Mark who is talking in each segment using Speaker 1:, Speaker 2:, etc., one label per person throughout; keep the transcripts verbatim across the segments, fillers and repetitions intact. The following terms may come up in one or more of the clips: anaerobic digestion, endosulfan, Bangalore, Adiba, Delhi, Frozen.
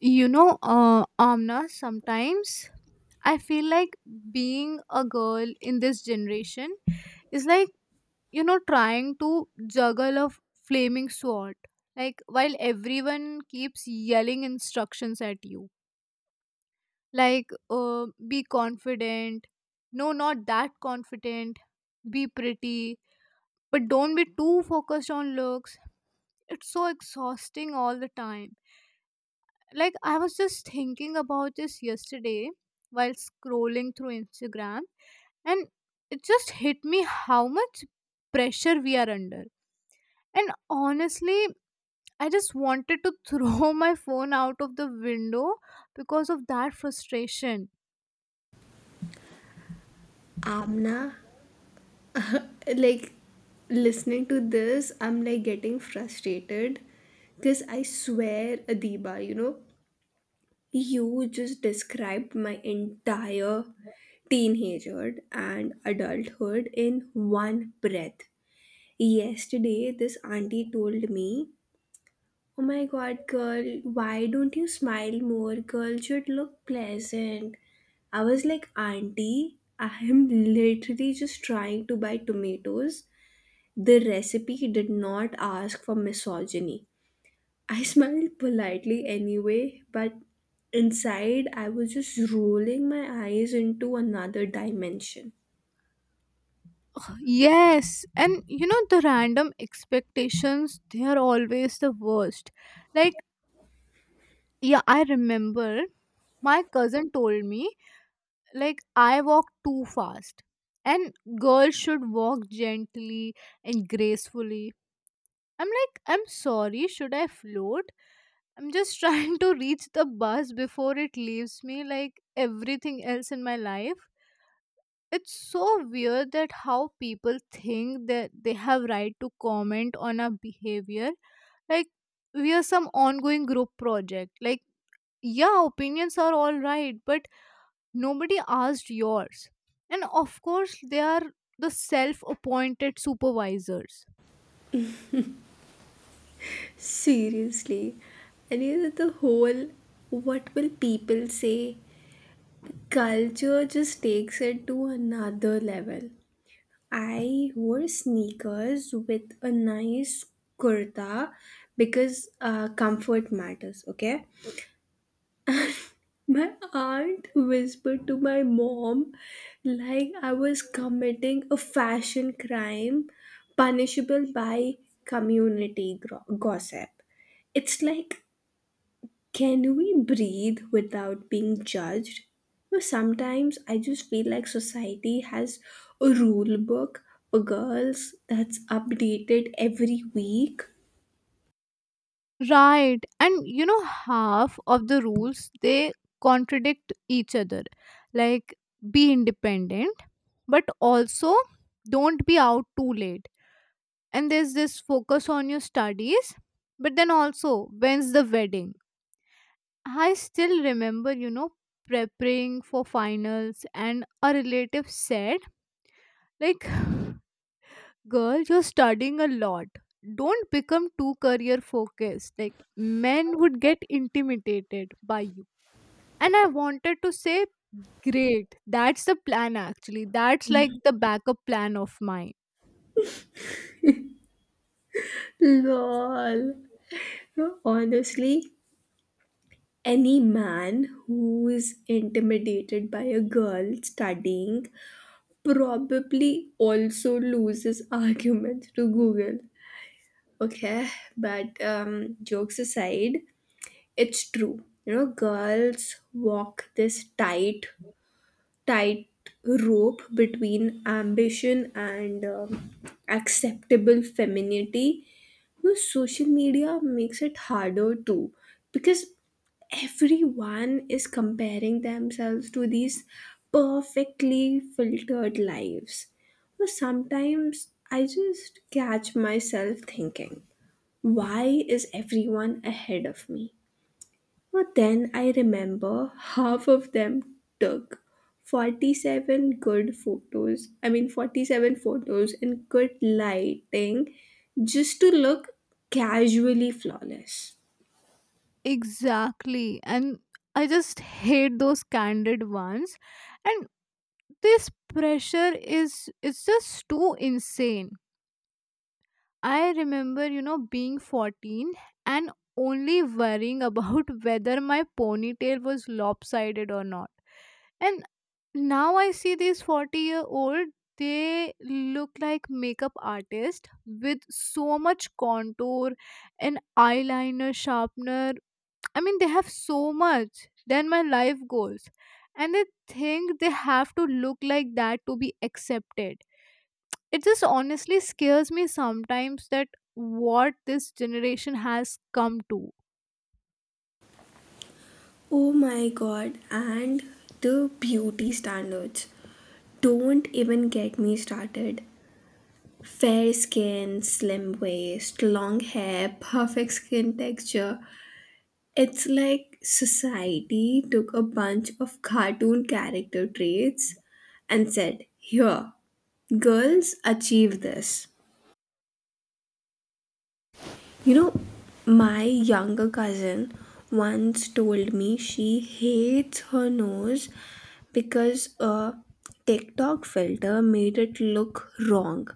Speaker 1: You know, uh, Amna, sometimes I feel like being a girl in this generation is like, you know, trying to juggle a flaming sword. Like, while everyone keeps yelling instructions at you, like, uh, be confident, no, not that confident, be pretty, but don't be too focused on looks. It's so exhausting all the time. Like, I was just thinking about this yesterday while scrolling through Instagram, and it just hit me how much pressure we are under. And honestly, I just wanted to throw my phone out of the window because of that frustration.
Speaker 2: Amna, like listening to this, I'm like getting frustrated because I swear, Adiba, you know, you just described my entire teenagehood and adulthood in one breath. Yesterday, this auntie told me, Oh my god, girl, why don't you smile more? Girl should look pleasant. I was like, Auntie, I am literally just trying to buy tomatoes. The recipe did not ask for misogyny. I smiled politely anyway, but inside I was just rolling my eyes into another dimension.
Speaker 1: Yes, and you know the random expectations, they are always the worst. Like, yeah, I remember my cousin told me like I walk too fast, and girls should walk gently and gracefully. I'm like, I'm sorry, should I float? I'm just trying to reach the bus before it leaves me like everything else in my life. It's so weird that how people think that they have right to comment on our behavior. Like, we are some ongoing group project. Like, yeah, opinions are all right, but nobody asked yours. And of course, they are the self appointed supervisors.
Speaker 2: Seriously. And you know, the whole what will people say culture just takes it to another level. I wore sneakers with a nice kurta because uh, comfort matters, okay? My aunt whispered to my mom like I was committing a fashion crime punishable by community gro- gossip. It's like, can we breathe without being judged? But sometimes I just feel like society has a rule book for girls that's updated every week.
Speaker 1: Right. And you know, half of the rules they contradict each other. Like, be independent, but also don't be out too late. And there's this focus on your studies, but then also, when's the wedding? I still remember, you know, preparing for finals, and a relative said, like, girl, you're studying a lot, don't become too career focused, like men would get intimidated by you. And I wanted to say, great, that's the plan, actually. That's like the backup plan of mine.
Speaker 2: Lol. No, honestly, any man who is intimidated by a girl studying probably also loses arguments to google, okay, but um, jokes aside, it's true, you know, girls walk this tight tight rope between ambition and um, acceptable femininity. No, social media makes it harder too because everyone is comparing themselves to these perfectly filtered lives. But sometimes I just catch myself thinking, why is everyone ahead of me? But then I remember half of them took forty-seven good photos. I mean, forty-seven photos in good lighting just to look casually flawless.
Speaker 1: Exactly. And I just hate those candid ones. And this pressure is it's just too insane. I remember, you know, being fourteen and only worrying about whether my ponytail was lopsided or not. And now I see these forty year old, they look like makeup artists with so much contour and eyeliner, sharpener. I mean, they have so much. Then my life goals. And they think they have to look like that to be accepted. It just honestly scares me sometimes that what this generation has come to.
Speaker 2: Oh my god, and the beauty standards. Don't even get me started. Fair skin, slim waist, long hair, perfect skin texture. It's like society took a bunch of cartoon character traits and said, Here, girls achieve this. You know, my younger cousin once told me she hates her nose because a TikTok filter made it look wrong.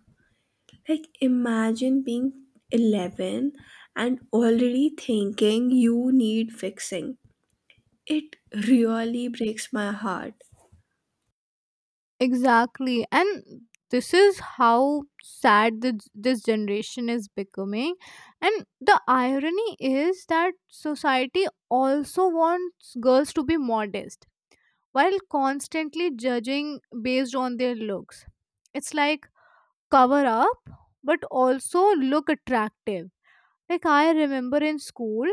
Speaker 2: Like, imagine being eleven and already thinking you need fixing. It really breaks my heart.
Speaker 1: Exactly. And this is how sad this, this generation is becoming. And the irony is that society also wants girls to be modest while constantly judging based on their looks. It's like cover up, but also look attractive. Like I remember in school,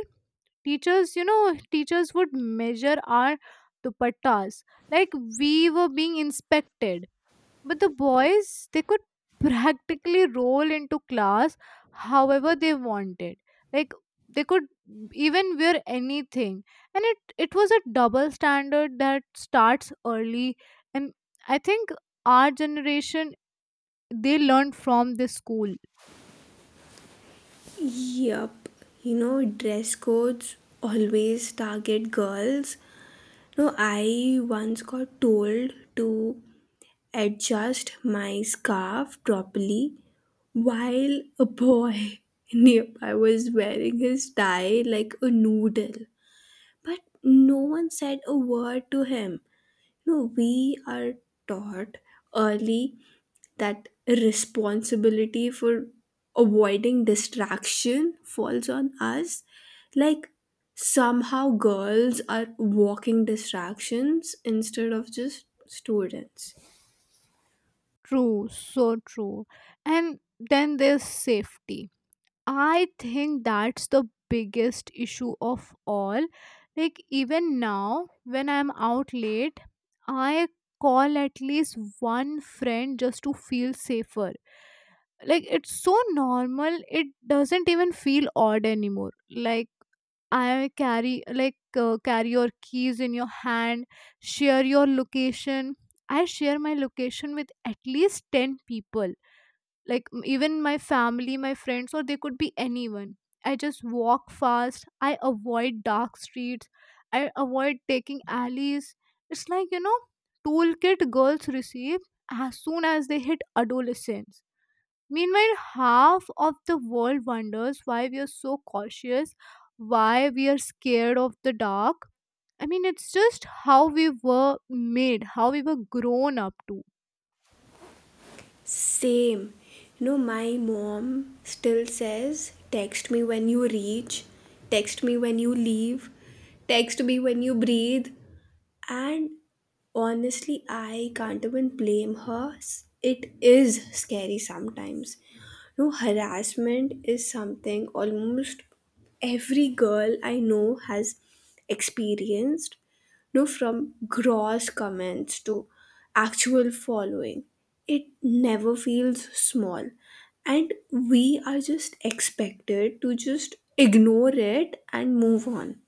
Speaker 1: teachers, you know, teachers would measure our dupattas like we were being inspected. But the boys, they could practically roll into class however they wanted. Like, they could even wear anything. And it, it was a double standard that starts early. And I think our generation, they learned from this school.
Speaker 2: Yup, you know, dress codes always target girls. No, I once got told to adjust my scarf properly while a boy nearby was wearing his tie like a noodle. But no one said a word to him. No, we are taught early that responsibility for avoiding distraction falls on us. Like, somehow girls are walking distractions instead of just students.
Speaker 1: True, so true. And then there's safety. I think that's the biggest issue of all. Like, even now, when I'm out late, I call at least one friend just to feel safer. Like, it's so normal, it doesn't even feel odd anymore. Like, I carry like uh, carry your keys in your hand, share your location. I share my location with at least ten people, like m- even my family, my friends, or they could be anyone. I just walk fast. I avoid dark streets. I avoid taking alleys. It's like, you know, toolkit girls receive as soon as they hit adolescence. Meanwhile, half of the world wonders why we are so cautious, why we are scared of the dark. I mean, it's just how we were made, how we were grown up to.
Speaker 2: Same. You know, my mom still says, text me when you reach, text me when you leave, text me when you breathe. And honestly, I can't even blame her. S- It is scary sometimes. No, harassment is something almost every girl I know has experienced. No, from gross comments to actual following. It never feels small. And we are just expected to just ignore it and move on.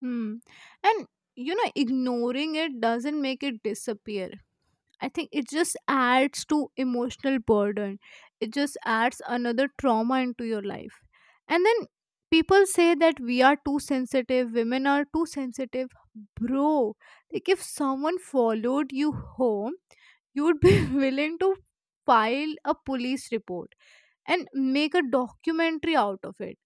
Speaker 1: Hmm. And you know, ignoring it doesn't make it disappear. I think it just adds to emotional burden. It just adds another trauma into your life. And then people say that we are too sensitive, women are too sensitive. Bro, like if someone followed you home, you would be willing to file a police report and make a documentary out of it.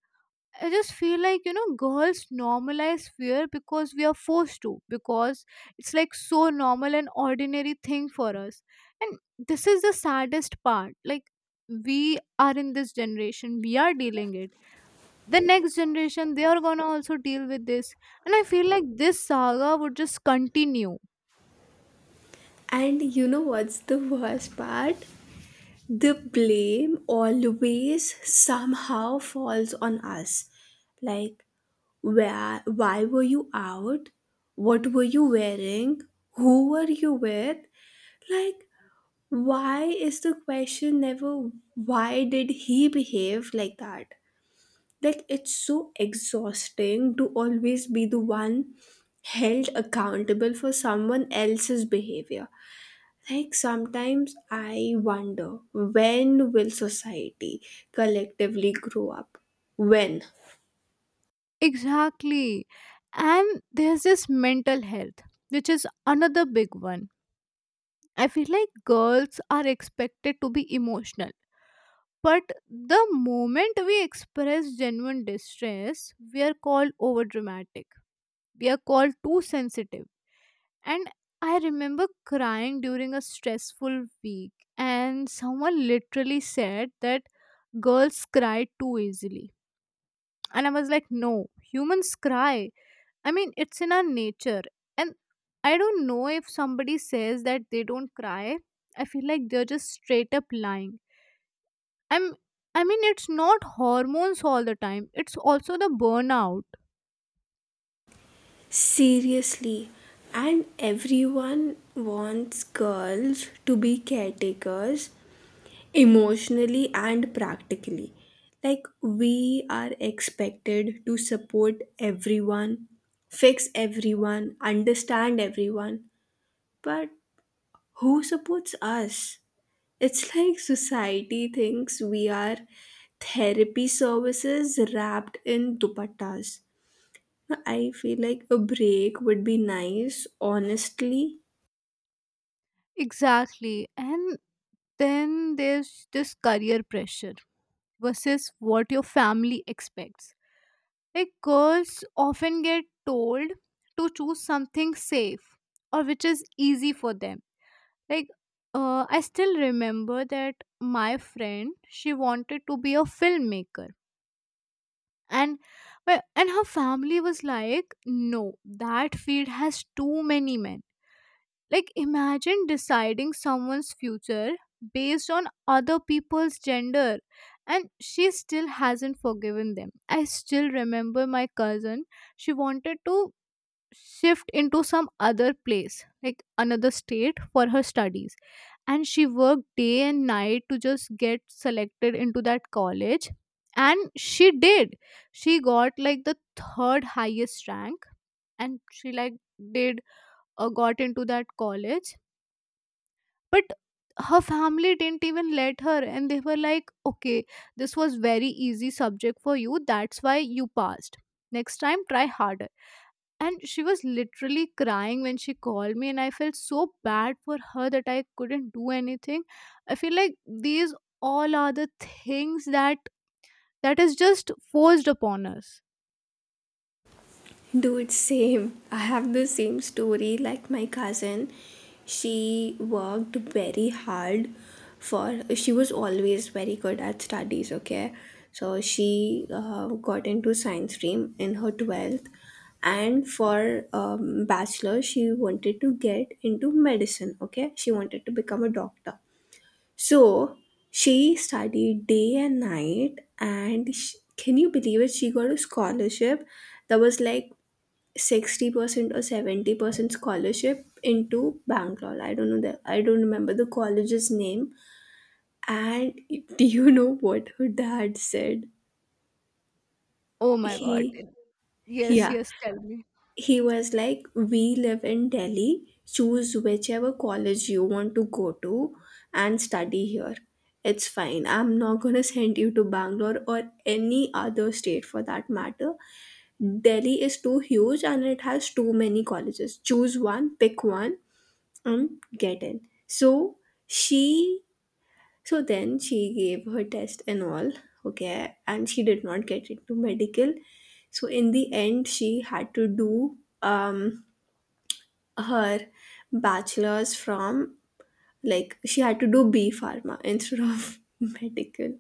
Speaker 1: I just feel like, you know, girls normalize fear because we are forced to, because it's like so normal and ordinary thing for us. And this is the saddest part. Like, we are in this generation, we are dealing it. The next generation, they are gonna also deal with this. And I feel like this saga would just continue.
Speaker 2: And you know what's the worst part? The blame always somehow falls on us. Like, where, why were you out? What were you wearing? Who were you with? Like, why is the question never, why did he behave like that? Like, it's so exhausting to always be the one held accountable for someone else's behavior. Like sometimes I wonder when will society collectively grow up? When?
Speaker 1: Exactly. And there's this mental health, which is another big one. I feel like girls are expected to be emotional. But the moment we express genuine distress, we are called over dramatic. We are called too sensitive. And I remember crying during a stressful week, and someone literally said that girls cry too easily. And I was like, no, humans cry. I mean, it's in our nature. And I don't know if somebody says that they don't cry. I feel like they're just straight up lying. I'm I mean it's not hormones all the time. It's also the burnout.
Speaker 2: Seriously. And everyone wants girls to be caretakers emotionally and practically. Like we are expected to support everyone, fix everyone, understand everyone. But who supports us? It's like society thinks we are therapy services wrapped in dupattas. I feel like a break would be nice, honestly.
Speaker 1: Exactly. And then there's this career pressure versus what your family expects. Like girls often get told to choose something safe or which is easy for them. Like, uh, I still remember that my friend, she wanted to be a filmmaker, and well, and her family was like, no, that field has too many men. Like, imagine deciding someone's future based on other people's gender. And she still hasn't forgiven them. I still remember my cousin, she wanted to shift into some other place, like another state for her studies. And she worked day and night to just get selected into that college. And she did. She got like the third highest rank. And she like did uh, got into that college, but her family didn't even let her. And they were like, okay, this was very easy subject for you, that's why you passed. Next time try harder. And she was literally crying when she called me, and I felt so bad for her that I couldn't do anything. I feel like these all are the things that that is just forced upon us.
Speaker 2: Dude, same. I have the same story like my cousin. She worked very hard for, she was always very good at studies, okay? So she uh, got into science stream in her twelfth. And for um, bachelor, she wanted to get into medicine, okay? She wanted to become a doctor. So she studied day and night, and sh can you believe it? She got a scholarship that was like sixty percent or seventy percent scholarship into Bangalore. I don't know that. I don't remember the college's name. And do you know what her dad said?
Speaker 1: Oh my god.
Speaker 2: He,
Speaker 1: Yes,
Speaker 2: yeah,
Speaker 1: yes, tell me.
Speaker 2: he was like, We live in Delhi, choose whichever college you want to go to and study here. It's fine. I'm not gonna send you to Bangalore or any other state for that matter. Delhi is too huge and it has too many colleges. Choose one, pick one, Um, get in. So she, so then she gave her test and all, okay, and she did not get into medical. So in the end, she had to do um her bachelor's from like she had to do B pharma instead of medical,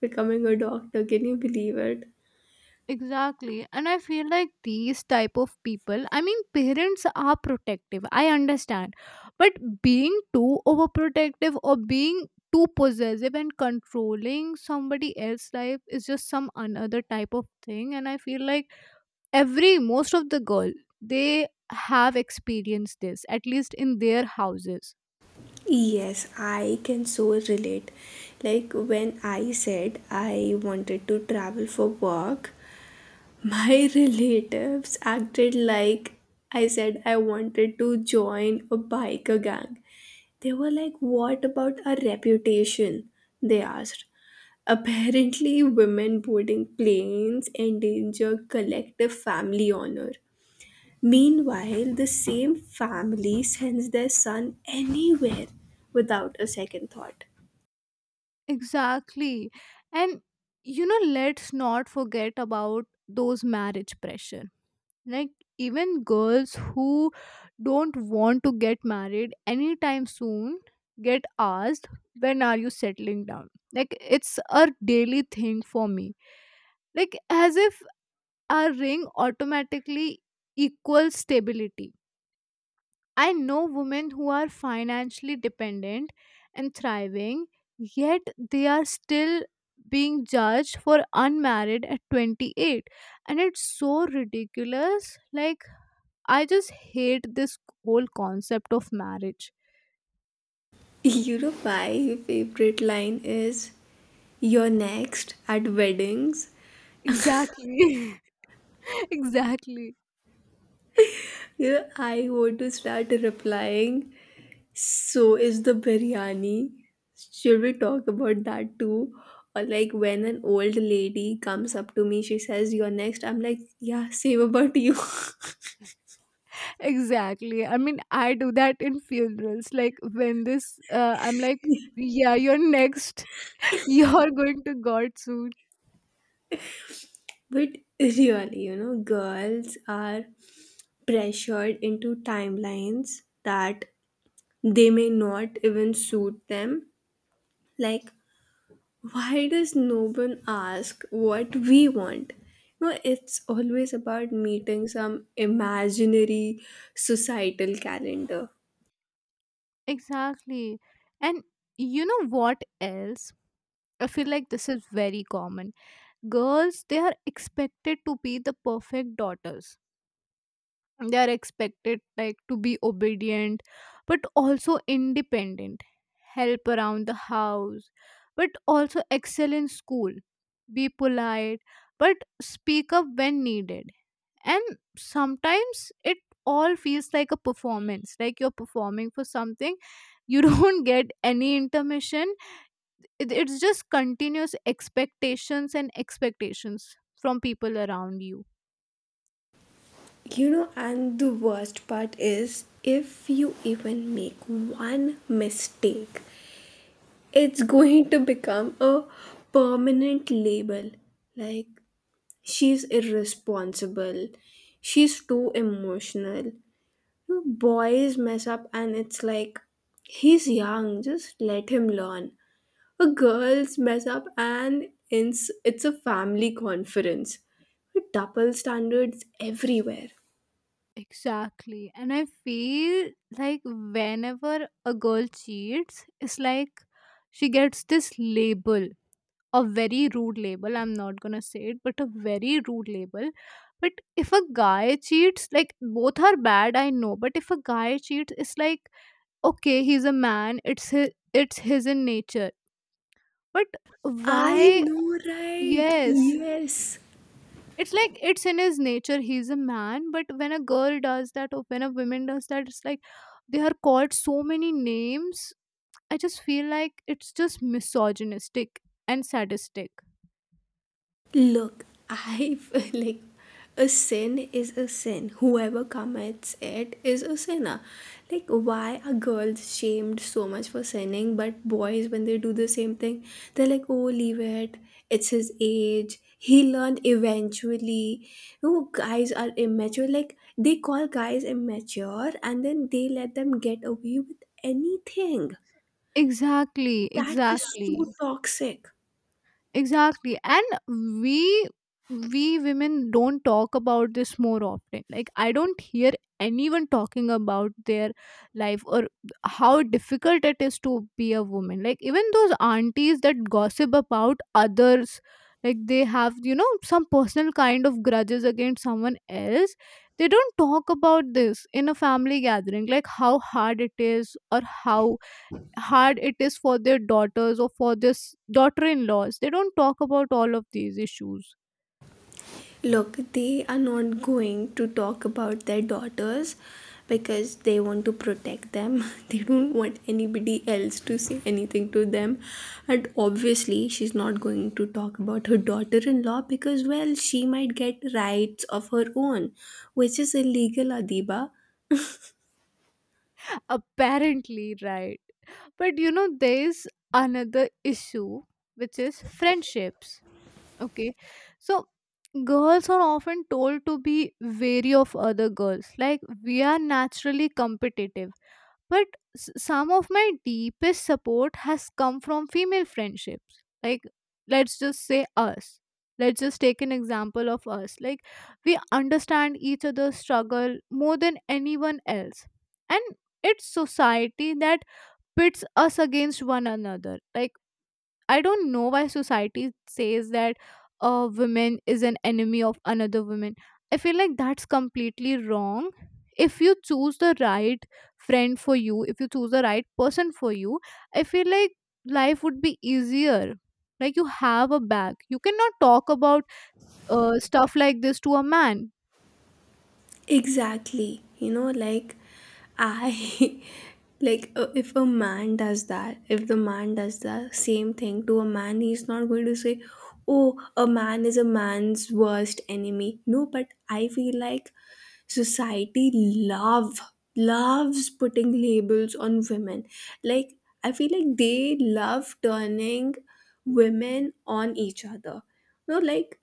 Speaker 2: becoming a doctor. Can you believe it?
Speaker 1: Exactly. And I feel like these type of people, I mean, parents are protective, I understand, but being too overprotective or being too possessive and controlling somebody else's life is just some another type of thing. And I feel like every most of the girl, they have experienced this at least in their houses.
Speaker 2: Yes, I can so relate. Like when I said I wanted to travel for work, my relatives acted like I said I wanted to join a biker gang. They were like, What about our reputation? They asked. Apparently, women boarding planes endanger collective family honor. Meanwhile, the same family sends their son anywhere without a second thought.
Speaker 1: Exactly. And you know, let's not forget about those marriage pressure. Like, even girls who don't want to get married anytime soon get asked, when are you settling down? Like, it's a daily thing for me. Like, as if a ring automatically equals stability. I know women who are financially dependent and thriving, yet they are still being judged for unmarried at twenty-eight. And it's so ridiculous, like I just hate this whole concept of marriage.
Speaker 2: You know, my favorite line is You're next at weddings.
Speaker 1: Exactly. Exactly.
Speaker 2: Yeah, I want to start replying. So is the biryani. Should we talk about that too? Or like when an old lady comes up to me, she says, You're next. I'm like, Yeah, same about you.
Speaker 1: Exactly. I mean, I do that in funerals. Like, when this, uh, I'm like, yeah, you're next. You're going to God soon.
Speaker 2: But really, you know, girls are pressured into timelines that they may not even suit them. Like, why does no one ask what we want? No, it's always about meeting some imaginary societal calendar.
Speaker 1: Exactly. And you know what else? I feel like this is very common. Girls, they are expected to be the perfect daughters. They are expected like to be obedient but also independent, help around the house but also excel in school, be polite but speak up when needed. And sometimes it all feels like a performance, like you're performing for something you don't get any intermission. It- it's just continuous expectations and expectations from people around you.
Speaker 2: You know, and the worst part is if you even make one mistake, it's going to become a permanent label. Like, she's irresponsible, she's too emotional. Boys mess up and it's like, he's young, just let him learn. Or girls mess up and it's, it's a family conference. With double standards everywhere.
Speaker 1: Exactly. And I feel like whenever a girl cheats, it's like she gets this label, a very rude label. I'm not gonna say it, but a very rude label. But if a guy cheats, like both are bad, I know. But if a guy cheats, it's like, okay, he's a man, it's his, it's his in nature. But
Speaker 2: I
Speaker 1: why?
Speaker 2: know, right?
Speaker 1: Yes.
Speaker 2: Yes.
Speaker 1: It's like it's in his nature. He's a man, but when a girl does that or when a woman does that, it's like they are called so many names. I just feel like it's just misogynistic and sadistic.
Speaker 2: Look, I feel like a sin is a sin. Whoever commits it is a sinner. Like, why are girls shamed so much for sinning, but boys, when they do the same thing, they're like, oh, leave it. It's his age. He learned eventually. No, guys are immature. Like, they call guys immature and then they let them get away with anything.
Speaker 1: Exactly,
Speaker 2: That is
Speaker 1: exactly.
Speaker 2: so toxic.
Speaker 1: Exactly. And we we women don't talk about this more often. Like I don't hear anyone talking about their life or how difficult it is to be a woman. Like even those aunties that gossip about others, like they have, you know, some personal kind of grudges against someone else. They don't talk about this in a family gathering, like how hard it is or how hard it is for their daughters or for this daughter-in-laws. They don't talk about all of these issues.
Speaker 2: Look, they are not going to talk about their daughters because they want to protect them. They don't want anybody else to say anything to them. And obviously, she's not going to talk about her daughter in law because, well, she might get rights of her own, which is illegal, Adiba.
Speaker 1: Apparently, right? But you know there is another issue, which is friendships. Okay, so girls are often told to be wary of other girls, like we are naturally competitive. But s- some of my deepest support has come from female friendships. Like, let's just say us. Let's just take an example of us. Like, we understand each other's struggle more than anyone else. And it's society that pits us against one another. Like, I don't know why society says that a woman is an enemy of another woman. I feel like that's completely wrong. If you choose the right friend for you, if you choose the right person for you, I feel like life would be easier. Like, you have a back. You cannot talk about uh, stuff like this to a man.
Speaker 2: Exactly. You know, like I like uh, if a man does that, if the man does the same thing to a man, he's not going to say, "Oh, a man is a man's worst enemy." No, but I feel like society love loves putting labels on women. Like I feel like they love turning women on each other. No, like,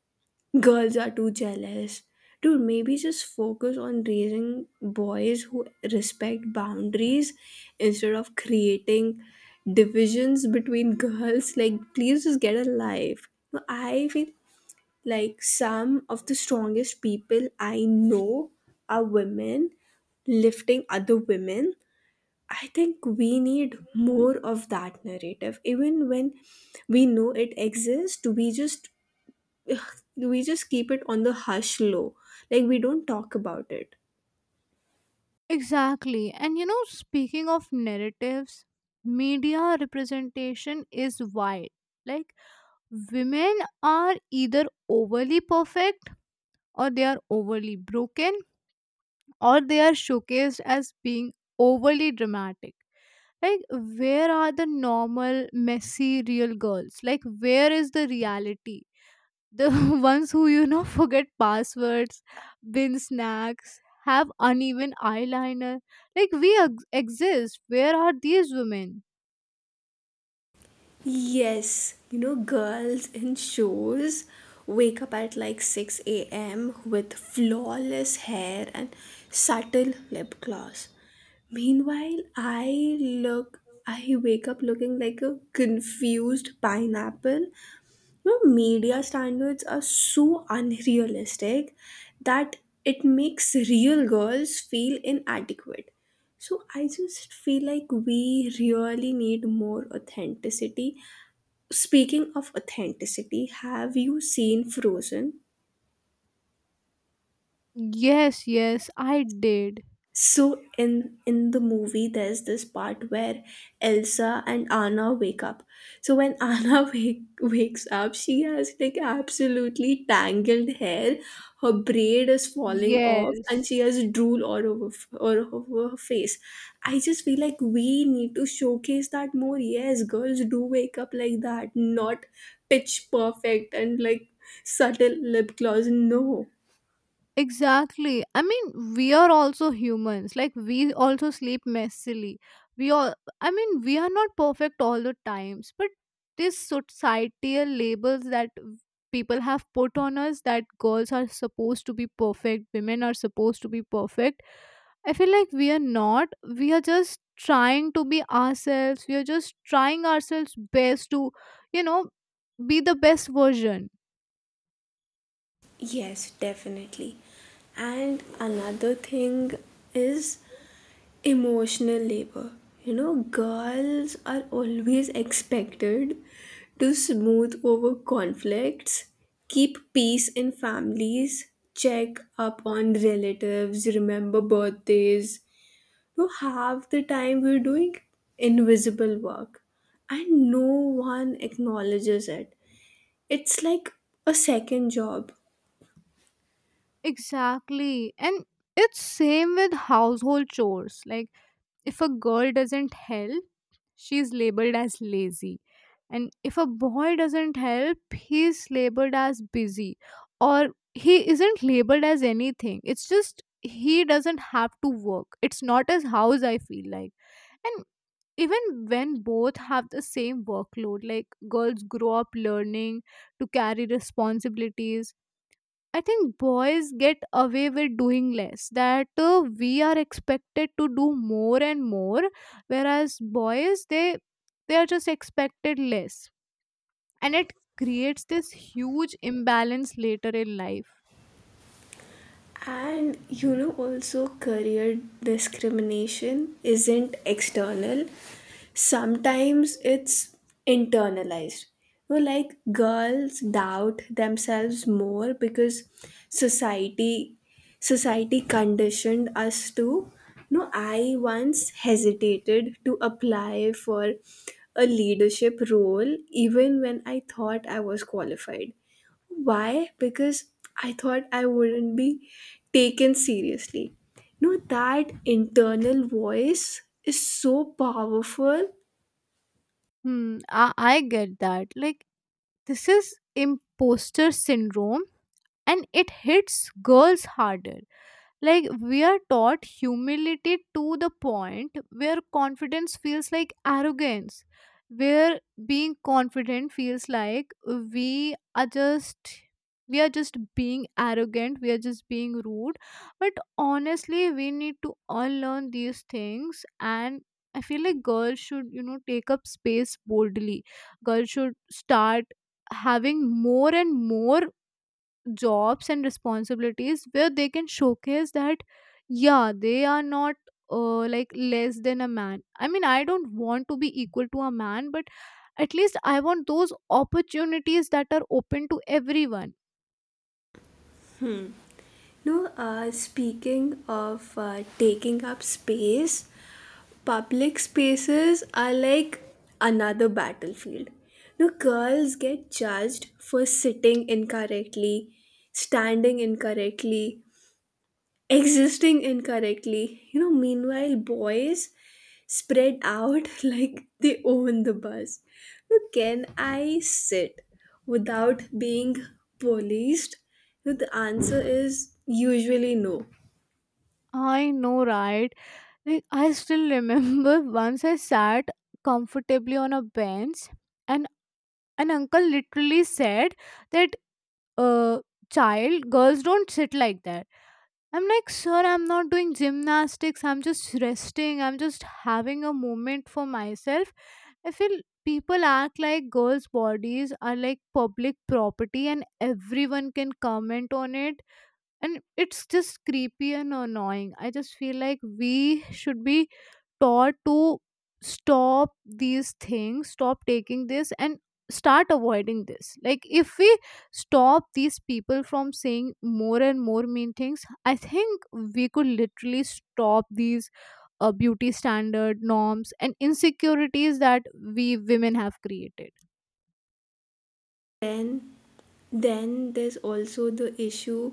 Speaker 2: girls are too jealous. Dude, maybe just focus on raising boys who respect boundaries instead of creating divisions between girls. Like, please just get a life. No, I feel like some of the strongest people I know are women lifting other women. I think we need more of that narrative. Even when we know it exists, we just we just keep it on the hush low. Like we don't talk about it.
Speaker 1: Exactly. And you know, speaking of narratives, media representation is wide. Like, women are either overly perfect, or they are overly broken, or they are showcased as being overly dramatic. Like, where are the normal, messy, real girls? Like, where is the reality, the ones who, you know, forget passwords, bin snacks, have uneven eyeliner? Like, we ex- exist. Where are these women?
Speaker 2: Yes, you know, girls in shows wake up at like six a m with flawless hair and subtle lip gloss. Meanwhile, I look, I wake up looking like a confused pineapple. You know, media standards are so unrealistic that it makes real girls feel inadequate. So I just feel like we really need more authenticity. Speaking of authenticity, have you seen Frozen?
Speaker 1: Yes, yes, I did.
Speaker 2: So in in the movie, there's this part where Elsa and Anna wake up. So when Anna wake, wakes up, she has like absolutely tangled hair. Her braid is falling off, and
Speaker 1: Yes.
Speaker 2: she has drool all over f- all over her face. I just feel like we need to showcase that more. Yes, girls do wake up like that, not pitch perfect and like subtle lip gloss. No.
Speaker 1: Exactly. I mean, we are also humans. Like, we also sleep messily. We all I mean, we are not perfect all the times, but this societal labels that people have put on us, that girls are supposed to be perfect, women are supposed to be perfect. I feel like we are not. We are just trying to be ourselves. We are just trying ourselves best to, you know, be the best version.
Speaker 2: Yes, definitely. And another thing is emotional labor. You know, girls are always expected to smooth over conflicts, keep peace in families, check up on relatives, remember birthdays. You half the time we're doing invisible work and no one acknowledges it. It's like a second job.
Speaker 1: Exactly. And it's same with household chores. Like, if a girl doesn't help, she's labeled as lazy. And if a boy doesn't help, he's labeled as busy, or he isn't labeled as anything. It's just he doesn't have to work. It's not his house, I feel like. And even when both have the same workload, like, girls grow up learning to carry responsibilities. I think boys get away with doing less, that uh, we are expected to do more and more, whereas boys, they they are just expected less, and it creates this huge imbalance later in life.
Speaker 2: And you know, also career discrimination isn't external. Sometimes it's internalized. You know, like girls doubt themselves more because society society conditioned us to. No, I once hesitated to apply for a leadership role even when I thought I was qualified. Why? Because I thought I wouldn't be taken seriously. No, that internal voice is so powerful.
Speaker 1: Hmm, I, I get that. Like, this is imposter syndrome, and it hits girls harder. Like, we are taught humility to the point where confidence feels like arrogance, where being confident feels like we are just. We are just being arrogant, we are just being rude. But honestly, we need to unlearn these things. And I feel like girls should, you know, take up space boldly. Girls should start having more and more jobs and responsibilities where they can showcase that yeah, they are not uh, like less than a man. I mean, I don't want to be equal to a man, but at least I want those opportunities that are open to everyone.
Speaker 2: No, uh, speaking of uh, taking up space, public spaces are like another battlefield. No, girls get judged for sitting incorrectly, standing incorrectly, existing incorrectly. You know, meanwhile, boys spread out like they own the bus. Now, can I sit without being policed? You know, the answer is usually no.
Speaker 1: I know, right? Like, I still remember once I sat comfortably on a bench, and an uncle literally said that uh child girls don't sit like that. I'm like, sir, I'm not doing gymnastics. I'm just resting. I'm just having a moment for myself. I feel people act like girls' bodies are like public property and everyone can comment on it. And it's just creepy and annoying. I just feel like we should be taught to stop these things, stop taking this, and start avoiding this. Like, if we stop these people from saying more and more mean things, I think we could literally stop these uh, beauty standard norms and insecurities that we women have created.
Speaker 2: And then there's also the issue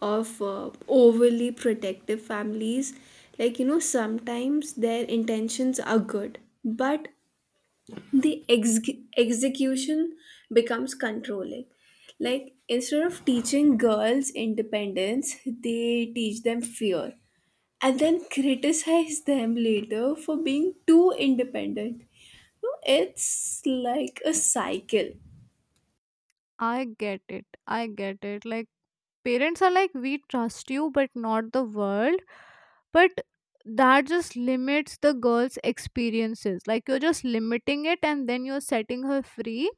Speaker 2: of uh, overly protective families. Like, you know, sometimes their intentions are good, but the ex- execution becomes controlling, like instead of teaching girls independence they teach them fear and then criticize them later for being too independent. No, it's like a cycle.
Speaker 1: I get it i get it Like, parents are like, we trust you but not the world. But that just limits the girl's experiences. Like, you're just limiting it and then you're setting her free.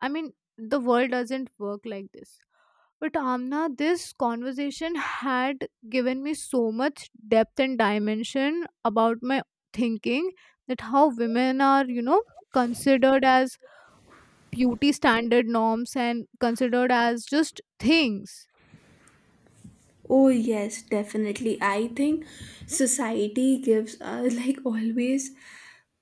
Speaker 1: I mean, the world doesn't work like this. But Amna, this conversation had given me so much depth and dimension about my thinking, that how women are, you know, considered as beauty standard norms and considered as just things.
Speaker 2: Oh yes, definitely, I think society gives us like always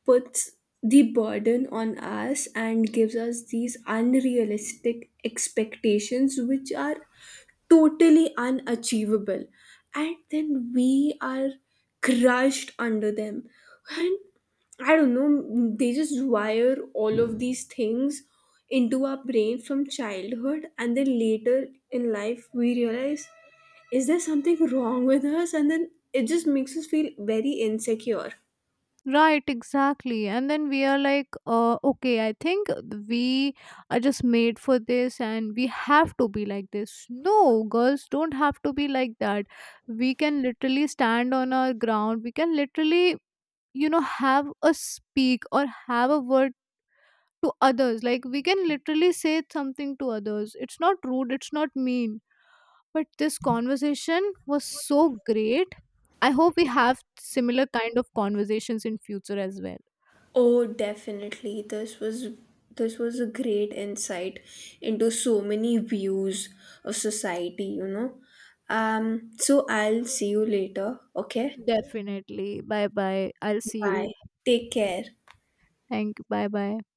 Speaker 2: puts the burden on us and gives us these unrealistic expectations which are totally unachievable and then we are crushed under them, and I don't know, they just wire all of these things into our brain from childhood and then later in life we realize is there something wrong with us and then it just makes us feel very insecure.
Speaker 1: Right, exactly. And then we are like, uh, okay, I think we are just made for this and we have to be like this. No, girls don't have to be like that. We can literally stand on our ground. We can literally, you know, have a speak or have a word to others. Like, we can literally say something to others. It's not rude, it's not mean. But this conversation was so great. I hope we have similar kind of conversations in future as well.
Speaker 2: Oh, definitely. This was this was a great insight into so many views of society, you know. Um, so I'll see you later, okay?
Speaker 1: Definitely. Bye bye. I'll see
Speaker 2: Bye.
Speaker 1: you.
Speaker 2: Take care.
Speaker 1: Thank you. Bye bye.